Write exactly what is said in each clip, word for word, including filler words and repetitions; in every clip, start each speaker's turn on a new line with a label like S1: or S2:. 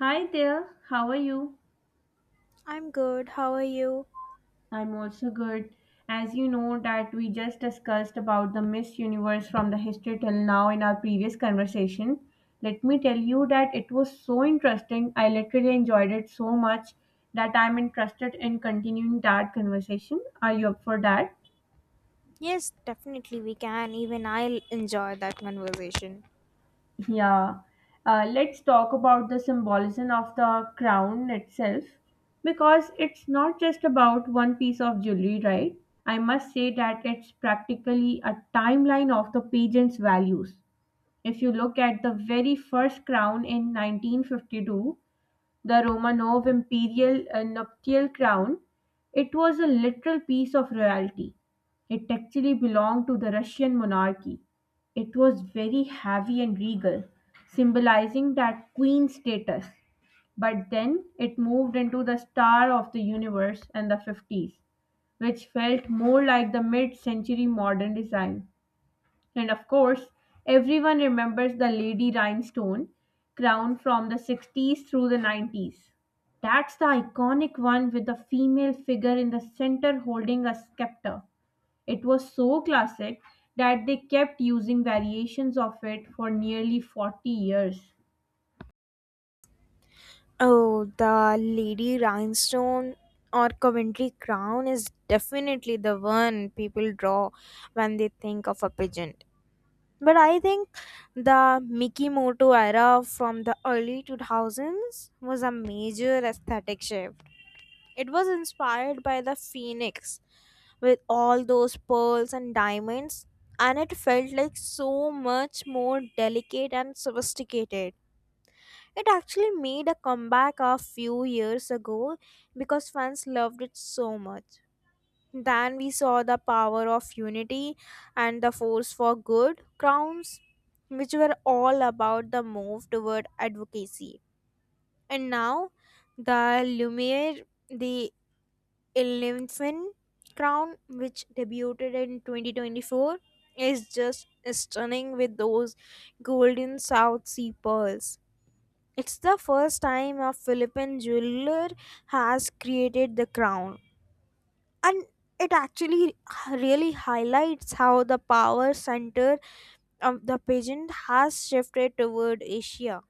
S1: Hi there, how are you?
S2: I'm good. How are you?
S1: I'm also good. As you know that we just discussed about the Miss Universe from the history till now in our previous conversation. Let me tell you that it was so interesting. I literally enjoyed it so much that I'm interested in continuing that conversation. Are you up for that?
S2: Yes, definitely we can. Even I'll enjoy that conversation.
S1: Yeah, uh, let's talk about the symbolism of the crown itself because it's not just about one piece of jewelry, right? I must say that it's practically a timeline of the pageant's values. If you look at the very first crown in nineteen fifty-two, the Romanov imperial uh, nuptial crown, it was a literal piece of royalty. It actually belonged to the Russian monarchy. It was very heavy and regal, symbolizing that queen status. But then it moved into the star of the universe and the fifties, which felt more like the mid century modern design. And of course, everyone remembers the Lady Rhinestone crown from the sixties through the nineties. That's the iconic one with the female figure in the center holding a scepter. It was so classic that they kept using variations of it for nearly forty years.
S2: Oh, the Lady Rhinestone or Coventry crown is definitely the one people draw when they think of a pageant. But I think the Mikimoto era from the early two thousands was a major aesthetic shift. It was inspired by the phoenix with all those pearls and diamonds, and it felt like so much more delicate and sophisticated. It actually made a comeback a few years ago because fans loved it so much. Then we saw the power of unity and the force for good crowns, which were all about the move toward advocacy. And now the Lumiere, the Eleven Crown, which debuted in twenty twenty-four, is just stunning with those golden South Sea pearls. It's the first time a Philippine jeweler has created the crown, and it actually really highlights how the power center of the pageant has shifted toward Asia.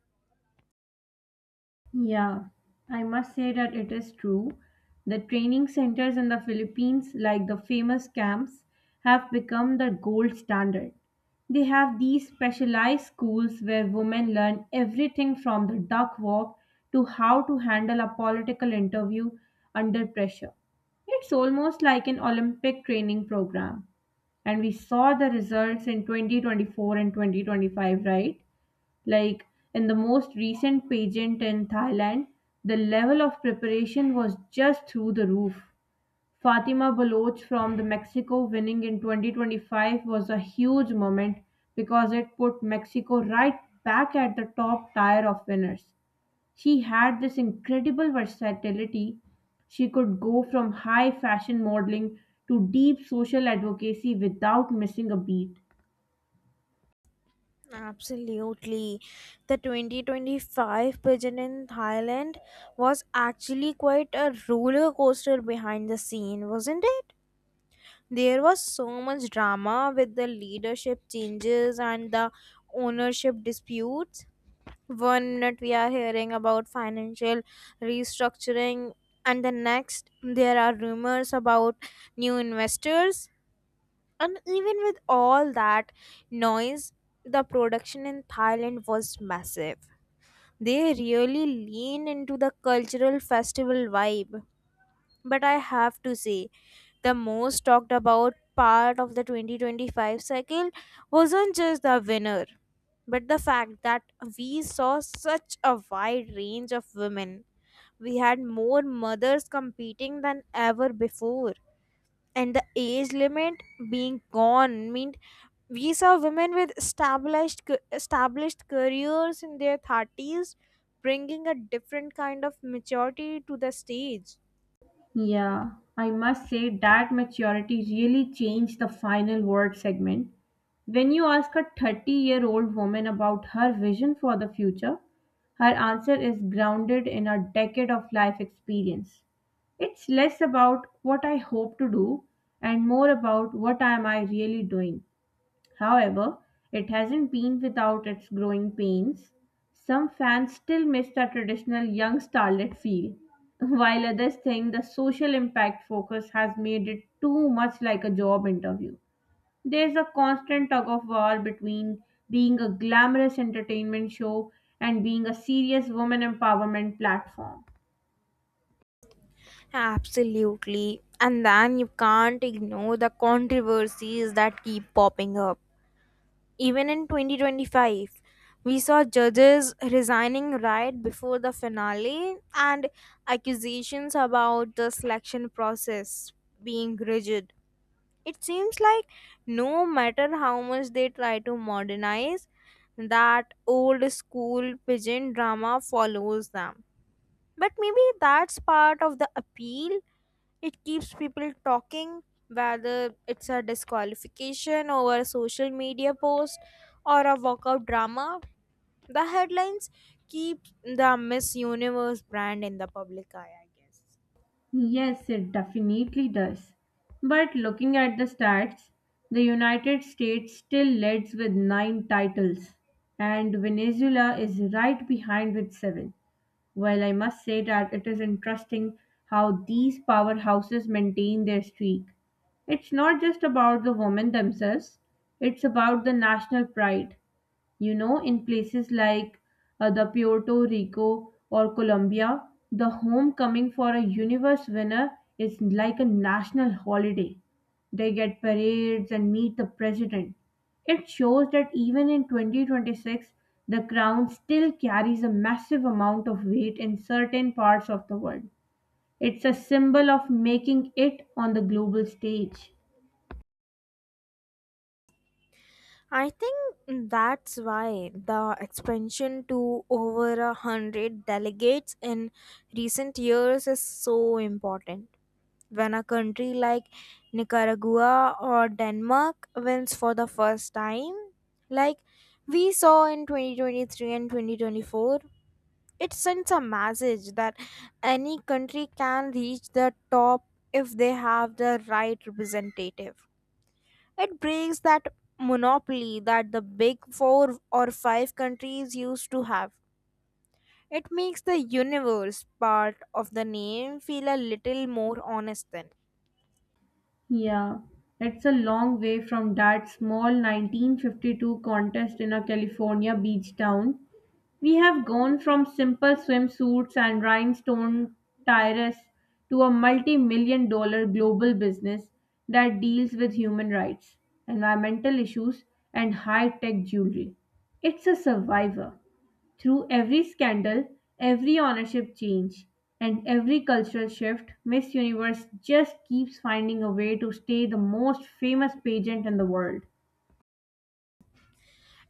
S1: Yeah, I must say that it is true. The training centers in the Philippines, like the famous camps, have become the gold standard. They have these specialized schools where women learn everything from the duck walk to how to handle a political interview under pressure. It's almost like an Olympic training program. And we saw the results in twenty twenty-four and twenty twenty-five, right? Like in the most recent pageant in Thailand, the level of preparation was just through the roof. Fatima Baloch from the Mexico winning in twenty twenty-five was a huge moment because it put Mexico right back at the top tier of winners. She had this incredible versatility. She could go from high fashion modeling to deep social advocacy without missing a beat.
S2: Absolutely. The twenty twenty-five pageant in Thailand was actually quite a roller coaster behind the scene, wasn't it? There was so much drama with the leadership changes and the ownership disputes. One minute we are hearing about financial restructuring, and the next there are rumors about new investors. And even with all that noise, the production in Thailand was massive. They really lean into the cultural festival vibe. But I have to say, the most talked about part of the twenty twenty-five cycle wasn't just the winner, but the fact that we saw such a wide range of women. We had more mothers competing than ever before, and the age limit being gone meant we saw women with established ca- established careers in their thirties, bringing a different kind of maturity to the stage.
S1: Yeah, I must say that maturity really changed the final word segment. When you ask a 30 year old woman about her vision for the future, her answer is grounded in a decade of life experience. It's less about what I hope to do and more about what am I really doing. However, it hasn't been without its growing pains. Some fans still miss the traditional young starlet feel, while others think the social impact focus has made it too much like a job interview. There's a constant tug of war between being a glamorous entertainment show and being a serious woman empowerment platform.
S2: Absolutely. And then you can't ignore the controversies that keep popping up even in twenty twenty-five. We saw judges resigning right before the finale, and accusations about the selection process being rigid. It seems like no matter how much they try to modernize, that old school pigeon drama follows them. But maybe that's part of the appeal. It keeps people talking, whether it's a disqualification over a social media post or a walkout drama. The headlines keep the Miss Universe brand in the public eye, I guess.
S1: Yes, it definitely does. But looking at the stats, the United States still leads with nine titles, and Venezuela is right behind with seven. Well, I must say that it is interesting how these powerhouses maintain their streak. It's not just about the women themselves, it's about the national pride. You know, in places like uh, the Puerto Rico or Colombia, the homecoming for a universe winner is like a national holiday. They get parades and meet the president. It shows that even in twenty twenty-six, the crown still carries a massive amount of weight in certain parts of the world. It's a symbol of making it on the global stage.
S2: I think that's why the expansion to over a hundred delegates in recent years is so important. When a country like Nicaragua or Denmark wins for the first time, like we saw in twenty twenty-three and twenty twenty-four, it sends a message that any country can reach the top if they have the right representative. It breaks that monopoly that the big four or five countries used to have. It makes the universe part of the name feel a little more honest then.
S1: Yeah, it's a long way from that small nineteen fifty-two contest in a California beach town. We have gone from simple swimsuits and rhinestone tiaras to a multi million dollar global business that deals with human rights, environmental issues, and high tech jewelry. It's a survivor. Through every scandal, every ownership change, and every cultural shift, Miss Universe just keeps finding a way to stay the most famous pageant in the world.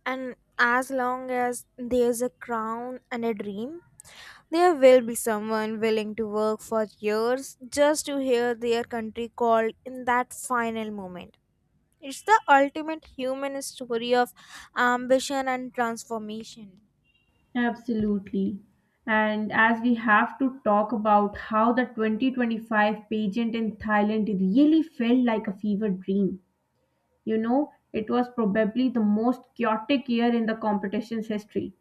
S2: And as long as there's a crown and a dream, there will be someone willing to work for years just to hear their country called in that final moment. It's the ultimate human story of ambition and transformation.
S1: Absolutely. And as we have to talk about how the twenty twenty-five pageant in Thailand really felt like a fever dream. You know, it was probably the most chaotic year in the competition's history.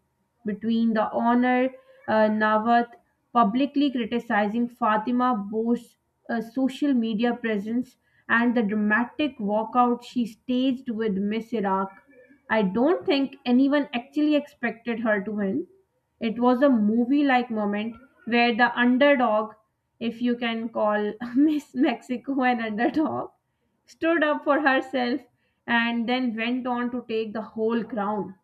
S1: Between the honor, uh, Nawat publicly criticizing Fatima Boush's uh, social media presence and the dramatic walkout she staged with Miss Iraq, I don't think anyone actually expected her to win. It was a movie like moment where the underdog, if you can call Miss Mexico an underdog, stood up for herself, and then went on to take the whole crown.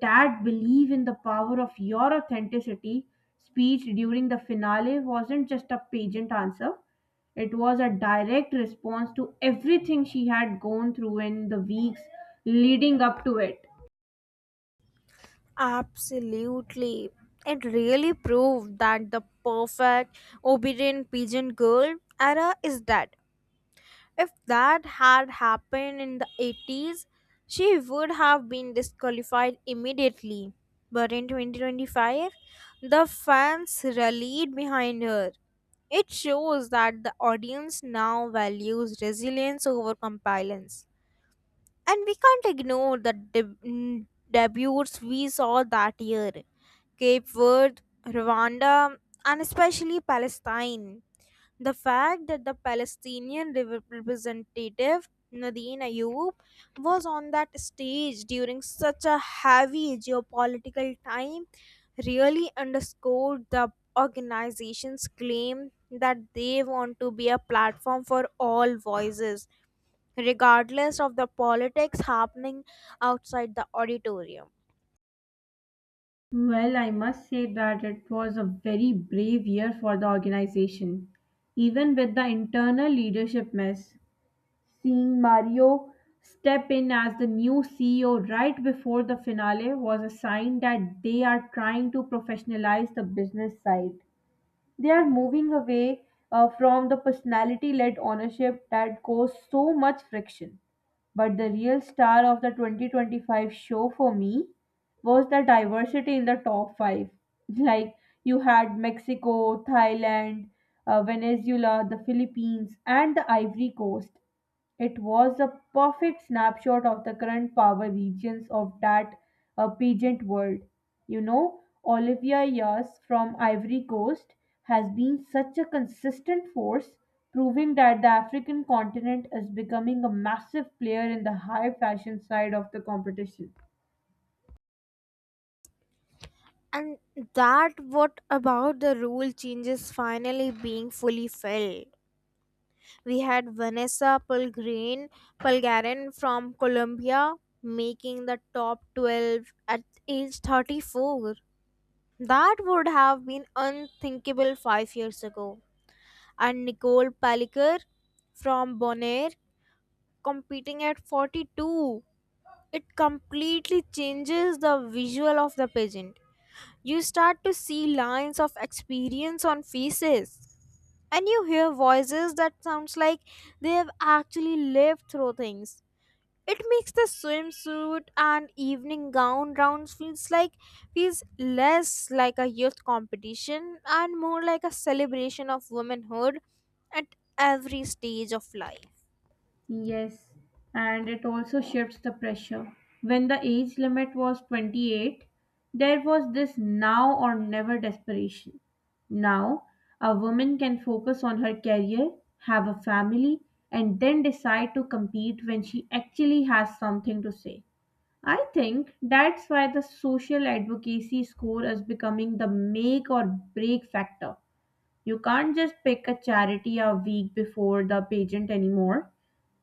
S1: That belief in the power of your authenticity speech during the finale wasn't just a pageant answer, it was a direct response to everything she had gone through in the weeks leading up to it.
S2: Absolutely. It really proved that the perfect obedient pigeon girl era is dead. If that had happened in the eighties, she would have been disqualified immediately. But in twenty twenty-five, the fans rallied behind her. It shows that the audience now values resilience over compliance. And we can't ignore the deb- debuts we saw that year. Cape Verde, Rwanda, and especially Palestine. The fact that the Palestinian rep- representative Nadine Ayoub was on that stage during such a heavy geopolitical time really underscored the organization's claim that they want to be a platform for all voices, regardless of the politics happening outside the auditorium.
S1: Well, I must say that it was a very brave year for the organization, even with the internal leadership mess. Seeing Mario step in as the new C E O right before the finale was a sign that they are trying to professionalize the business side. They are moving away uh, from the personality led ownership that caused so much friction. But the real star of the twenty twenty-five show for me was the diversity in the top five. Like you had Mexico, Thailand, uh, Venezuela, the Philippines, and the Ivory Coast. It was a perfect snapshot of the current power regions of that uh, pageant world. You know, Olivia Yas from Ivory Coast has been such a consistent force, proving that the African continent is becoming a massive player in the high fashion side of the competition.
S2: And that. What about the rule changes finally being fully felt? We had Vanessa Pelgrin, Pelgarin from Colombia making the top twelve at age thirty-four. That would have been unthinkable five years ago. And Nicole Palliker from Bonaire competing at forty-two. It completely changes the visual of the pageant. You start to see lines of experience on faces. And you hear voices that sounds like they have actually lived through things. It makes the swimsuit and evening gown rounds feels like feels less like a youth competition and more like a celebration of womanhood at every stage of life.
S1: Yes, and it also shifts the pressure. When the age limit was twenty-eight, there was this now or never desperation. Now, a woman can focus on her career, have a family, and then decide to compete when she actually has something to say. I think that's why the social advocacy score is becoming the make or break factor. You can't just pick a charity a week before the pageant anymore.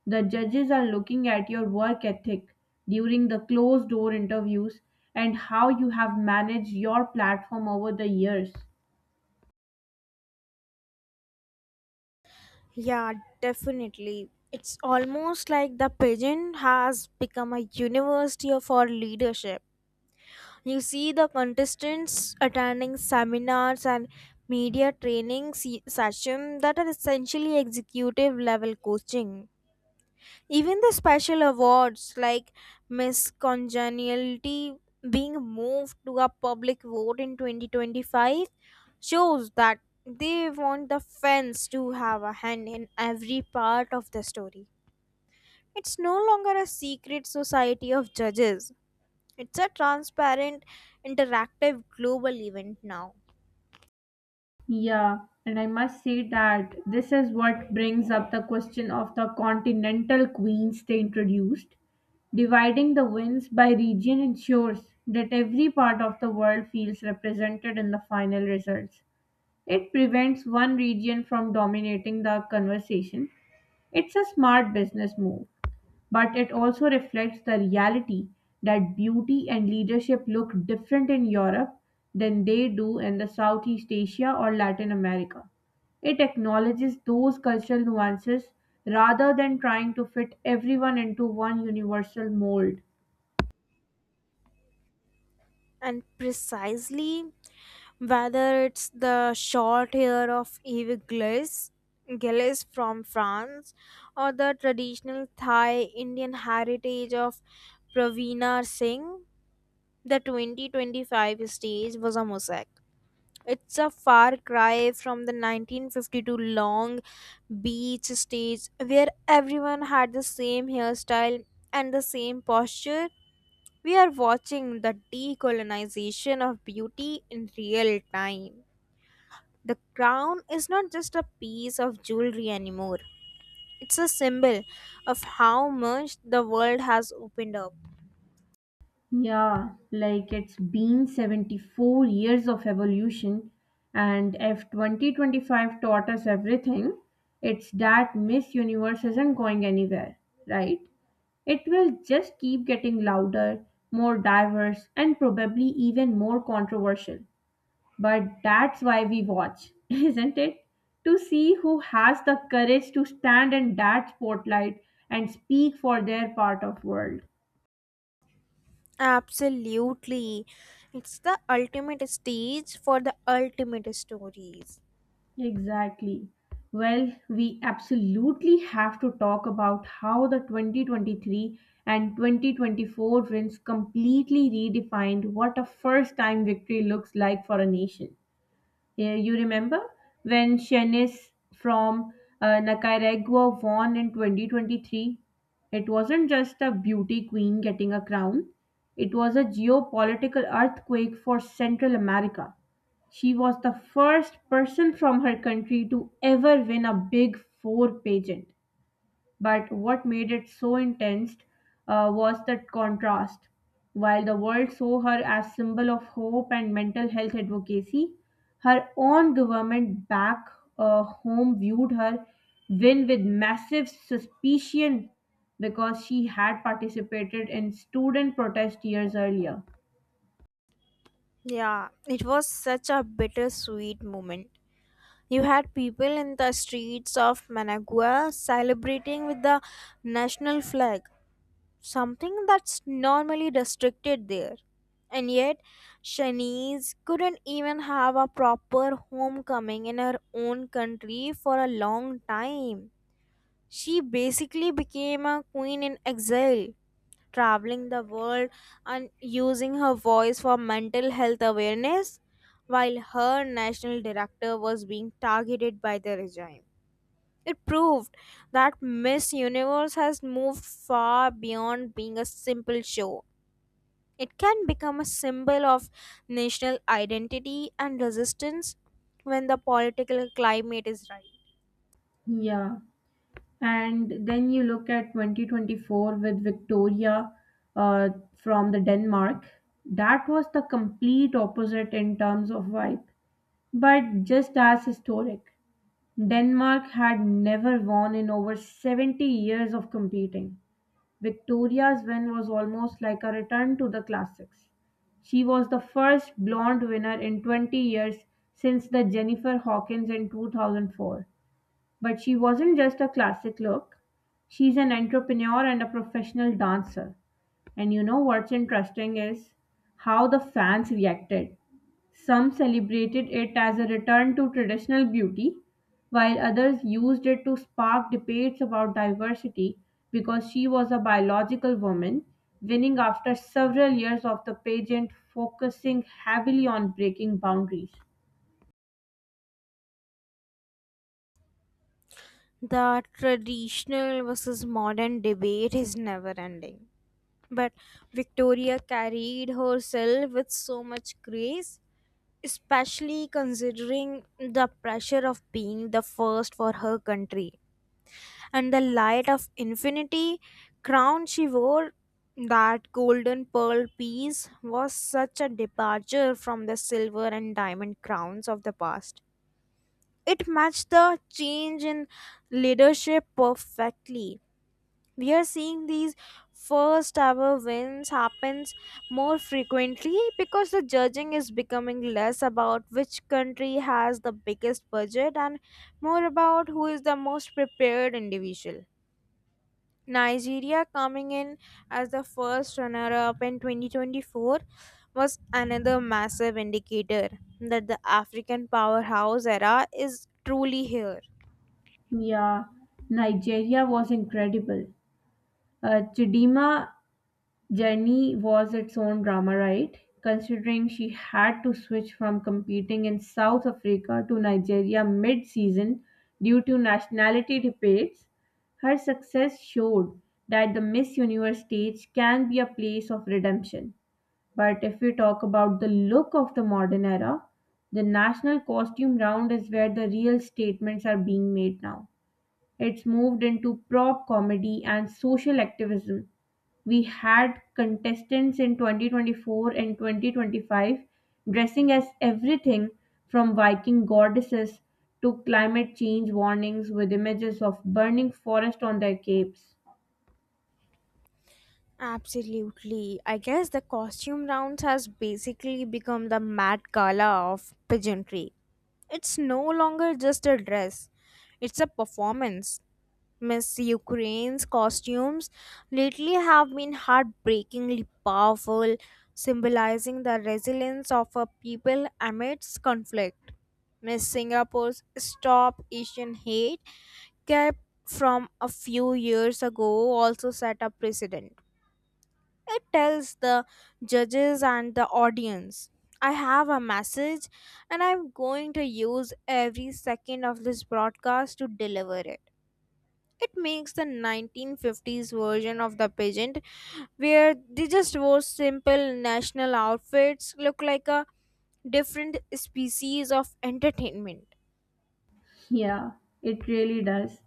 S1: The judges are looking at your work ethic during the closed door interviews and how you have managed your platform over the years.
S2: Yeah, definitely. It's almost like the pageant has become a university of our leadership. You see the contestants attending seminars and media training se- session that are essentially executive level coaching. Even the special awards like Miss Congeniality being moved to a public vote in twenty twenty-five shows that they want the fans to have a hand in every part of the story. It's no longer a secret society of judges. It's a transparent, interactive global event now.
S1: Yeah, and I must say that this is what brings up the question of the continental queens they introduced. Dividing the wins by region ensures that every part of the world feels represented in the final results. It prevents one region from dominating the conversation. It's a smart business move, but it also reflects the reality that beauty and leadership look different in Europe than they do in the Southeast Asia or Latin America. It acknowledges those cultural nuances rather than trying to fit everyone into one universal mold.
S2: And precisely, whether it's the short hair of Eve Gillis, Gillis from France, or the traditional Thai Indian heritage of Praveena Singh, the twenty twenty-five stage was a mosaic. It's a far cry from the nineteen fifty-two long beach stage where everyone had the same hairstyle and the same posture. We are watching the decolonization of beauty in real time. The crown is not just a piece of jewelry anymore, it's a symbol of how much the world has opened up.
S1: Yeah, like it's been seventy-four years of evolution, and if twenty twenty-five taught us everything, it's that Miss Universe isn't going anywhere, right? It will just keep getting louder, more diverse, and probably even more controversial. But that's why we watch, isn't it? To see who has the courage to stand in that spotlight and speak for their part of world.
S2: Absolutely. It's the ultimate stage for the ultimate stories.
S1: Exactly. Well, we absolutely have to talk about how the twenty twenty-three and twenty twenty-four wins completely redefined what a first time victory looks like for a nation. Yeah, you remember when Shanice from uh, Nicaragua won in twenty twenty-three? It wasn't just a beauty queen getting a crown, it was a geopolitical earthquake for Central America. She was the first person from her country to ever win a Big Four pageant. But what made it so intense uh, was the contrast. While the world saw her as symbol of hope and mental health advocacy, her own government back uh, home viewed her win with massive suspicion because she had participated in student protest years earlier.
S2: Yeah, it was such a bittersweet moment. You had people in the streets of Managua celebrating with the national flag, something that's normally restricted there. And yet, Shanice couldn't even have a proper homecoming in her own country for a long time. She basically became a queen in exile, traveling the world and using her voice for mental health awareness while her national director was being targeted by the regime. It proved that Miss Universe has moved far beyond being a simple show. It can become a symbol of national identity and resistance when the political climate is right.
S1: Yeah. And then you look at twenty twenty-four with Victoria uh, from the Denmark. That was the complete opposite in terms of vibe, but just as historic. Denmark had never won in over seventy years of competing. Victoria's win was almost like a return to the classics. She was the first blonde winner in twenty years since the Jennifer Hawkins in two thousand four. But she wasn't just a classic look. She's an entrepreneur and a professional dancer. And you know what's interesting is how the fans reacted. Some celebrated it as a return to traditional beauty, while others used it to spark debates about diversity because she was a biological woman, winning after several years of the pageant focusing heavily on breaking boundaries.
S2: The traditional versus modern debate is never ending. But Victoria carried herself with so much grace, especially considering the pressure of being the first for her country. And the light of infinity crown she wore, that golden pearl piece, was such a departure from the silver and diamond crowns of the past. It matched the change in leadership perfectly. We are seeing these first ever wins happens more frequently because the judging is becoming less about which country has the biggest budget and more about who is the most prepared individual. Nigeria coming in as the first runner up in twenty twenty-four was another massive indicator that the african powerhouse era is truly here.
S1: Yeah, Nigeria was incredible. Uh, Chidima journey was its own drama, right? Considering she had to switch from competing in South Africa to Nigeria mid season due to nationality debates, her success showed that the Miss Universe stage can be a place of redemption. But if we talk about the look of the modern era, the national costume round is where the real statements are being made now. It's moved into prop comedy and social activism. We had contestants in twenty twenty-four and twenty twenty-five dressing as everything from Viking goddesses to climate change warnings with images of burning forest on their capes.
S2: Absolutely. I guess the costume rounds has basically become the mad gala of pageantry. It's no longer just a dress, it's a performance. Miss Ukraine's costumes lately have been heartbreakingly powerful, symbolizing the resilience of a people amidst conflict. Miss Singapore's Stop Asian Hate kept from a few years ago also set a precedent. It tells the judges and the audience, I have a message, and I'm going to use every second of this broadcast to deliver it. It makes the nineteen fifties version of the pageant, where they just wore simple national outfits, look like a different species of entertainment.
S1: Yeah, it really does.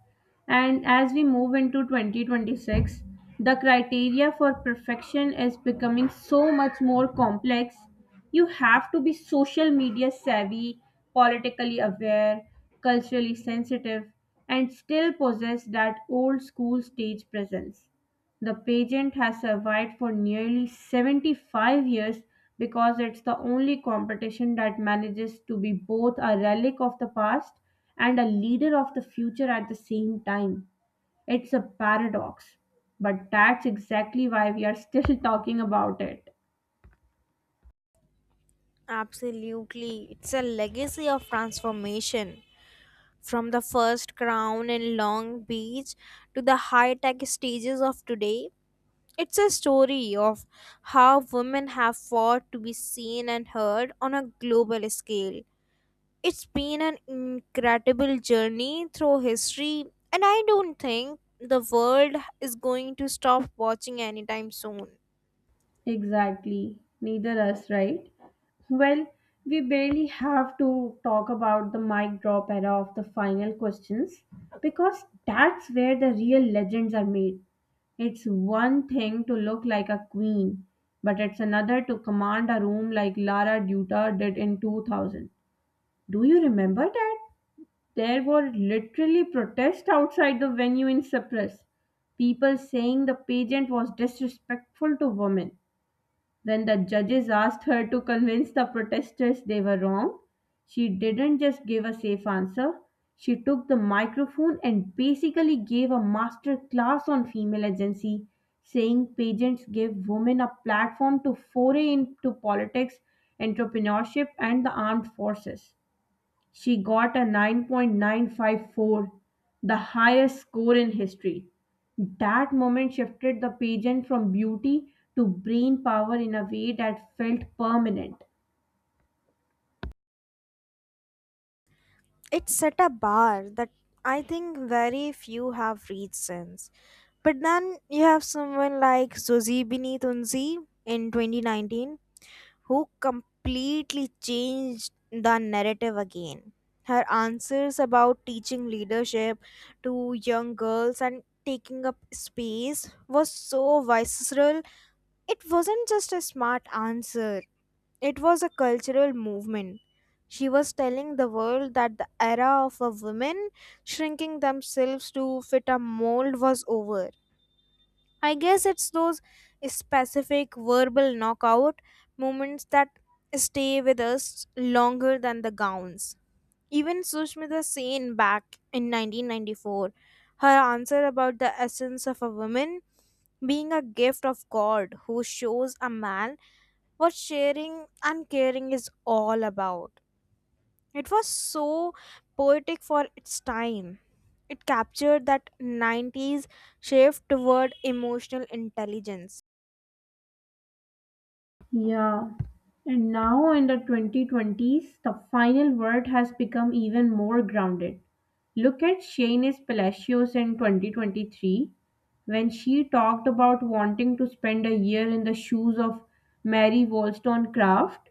S1: And as we move into twenty twenty-six, the criteria for perfection is becoming so much more complex. You have to be social media savvy, politically aware, culturally sensitive, and still possess that old school stage presence. The pageant has survived for nearly seventy-five years because it's the only competition that manages to be both a relic of the past and a leader of the future at the same time. It's a paradox, but that's exactly why we are still talking about it.
S2: Absolutely, it's a legacy of transformation. From the first crown in Long Beach to the high tech stages of today, it's a story of how women have fought to be seen and heard on a global scale. It's been an incredible journey through history, and I don't think the world is going to stop watching anytime soon.
S1: Exactly. Neither us, right? Well, we barely have to talk about the mic drop era of the final questions because that's where the real legends are made. It's one thing to look like a queen, but it's another to command a room like Lara Dutta did in two thousand. Do you remember that? There were literally protests outside the venue in Cyprus, people saying the pageant was disrespectful to women. When the judges asked her to convince the protesters they were wrong, she didn't just give a safe answer. She took the microphone and basically gave a master class on female agency, saying pageants give women a platform to foray into politics, entrepreneurship, and the armed forces. She got a nine point nine five four, the highest score in history. That moment shifted the pageant from beauty to brain power in a way that felt permanent.
S2: It's at a bar that I think very few have reached since. But then you have someone like Suzy Bini Tunzi in twenty nineteen, who completely changed the narrative again. Her answers about teaching leadership to young girls and taking up space was so visceral. It wasn't just a smart answer, it was a cultural movement. She was telling the world that the era of a women shrinking themselves to fit a mold was over. I guess it's those specific verbal knockout moments that stay with us longer than the gowns. Even Sushmita Sen back in nineteen ninety-four, her answer about the essence of a woman being a gift of God who shows a man what sharing and caring is all about. It was so poetic for its time. It captured that nineties shift toward emotional intelligence.
S1: Yeah. And now in the twenty twenties, the final word has become even more grounded. Look at Shanice Palacios in twenty twenty-three when she talked about wanting to spend a year in the shoes of Mary Wollstonecraft,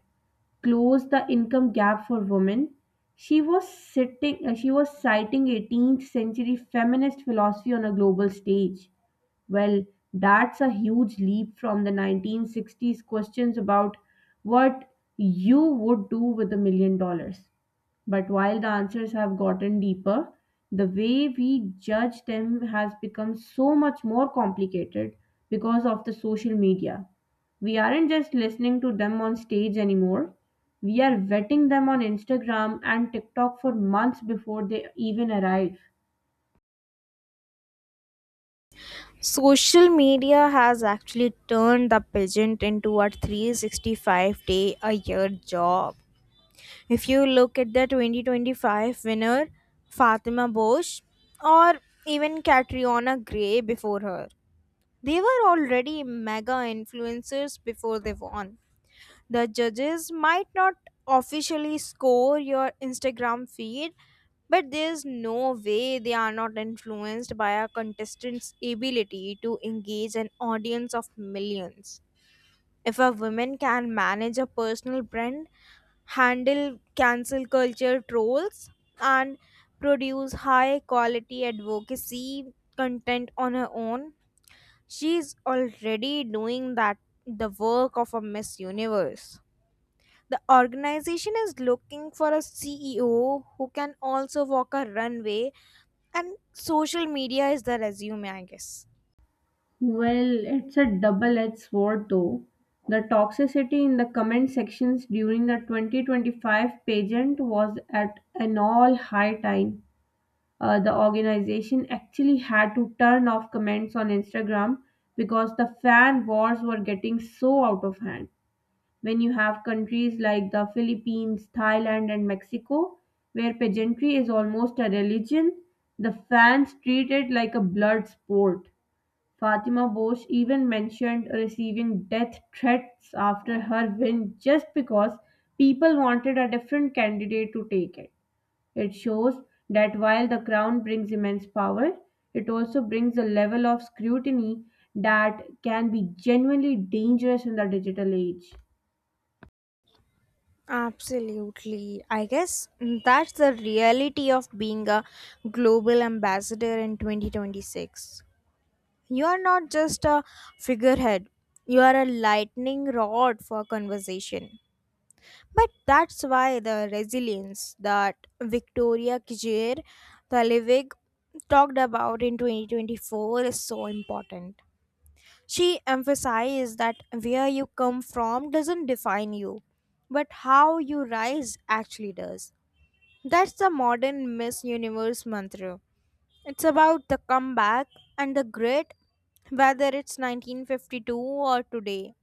S1: close the income gap for women. She was sitting uh, she was citing eighteenth century feminist philosophy on a global stage. Well, that's a huge leap from the nineteen sixties questions about what you would do with a million dollars. But while the answers have gotten deeper, the way we judge them has become so much more complicated because of the social media. We aren't just listening to them on stage anymore. We are vetting them on Instagram and TikTok for months before they even arrive.
S2: Social media has actually turned the pageant into a three hundred sixty-five day a year job. If you look at the twenty twenty-five winner, Fatima Bosch, or even Catriona Gray before her, they were already mega influencers before they won. The judges might not officially score your Instagram feed, but there's no way they are not influenced by a contestant's ability to engage an audience of millions. If a woman can manage a personal brand, handle cancel culture trolls, and produce high quality advocacy content on her own, she's already doing that, the work of a Miss Universe. The organization is looking for a C E O who can also walk a runway, and social media is the resume, I guess.
S1: Well, it's a double edged sword though. The toxicity in the comment sections during the twenty twenty-five pageant was at an all high time. Uh, the organization actually had to turn off comments on Instagram because the fan wars were getting so out of hand. When you have countries like the Philippines, Thailand, and Mexico, where pageantry is almost a religion, the fans treat it like a blood sport. Fatima Bosch even mentioned receiving death threats after her win just because people wanted a different candidate to take it. It shows that while the crown brings immense power, it also brings a level of scrutiny that can be genuinely dangerous in the digital age.
S2: Absolutely. I guess that's the reality of being a global ambassador in twenty twenty-six. You are not just a figurehead, you are a lightning rod for conversation. But that's why the resilience that Victoria Kijer Talevig talked about in twenty twenty-four is so important. She emphasized that where you come from doesn't define you, but how you rise actually does. That's the modern Miss Universe mantra. It's about the comeback and the grit, whether it's nineteen fifty-two or today.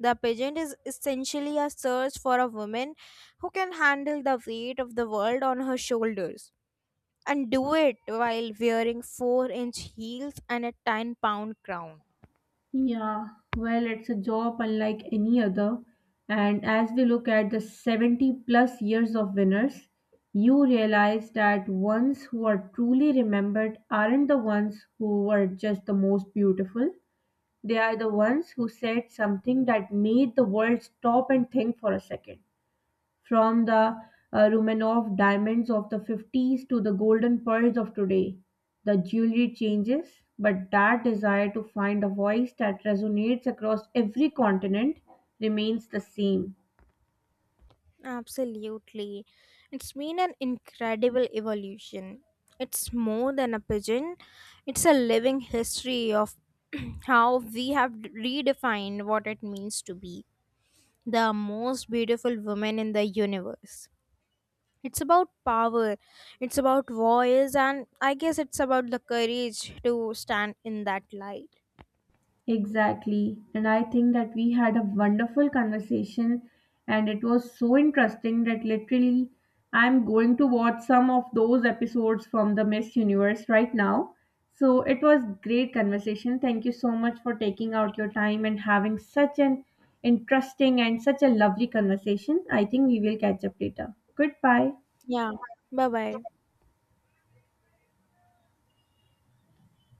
S2: The pageant is essentially a search for a woman who can handle the weight of the world on her shoulders and do it while wearing four inch heels and a ten pound crown.
S1: Yeah, well, it's a job unlike any other. And as we look at the seventy plus years of winners, you realize that ones who are truly remembered aren't the ones who were just the most beautiful. They are the ones who said something that made the world stop and think for a second. From the uh, Romanov diamonds of the fifties to the golden pearls of today, the jewelry changes, but that desire to find a voice that resonates across every continent remains the same.
S2: Absolutely. It's been an incredible evolution. It's more than a pigeon, it's a living history of how we have redefined what it means to be the most beautiful woman in the universe. It's about power, it's about voice, and I guess it's about the courage to stand in that light.
S1: Exactly. And I think that we had a wonderful conversation and it was so interesting that literally I'm going to watch some of those episodes from the Miss Universe right now. So it was great conversation. Thank you so much for taking out your time and having such an interesting and such a lovely conversation. I think we will catch up later. Goodbye.
S2: Yeah. Bye bye.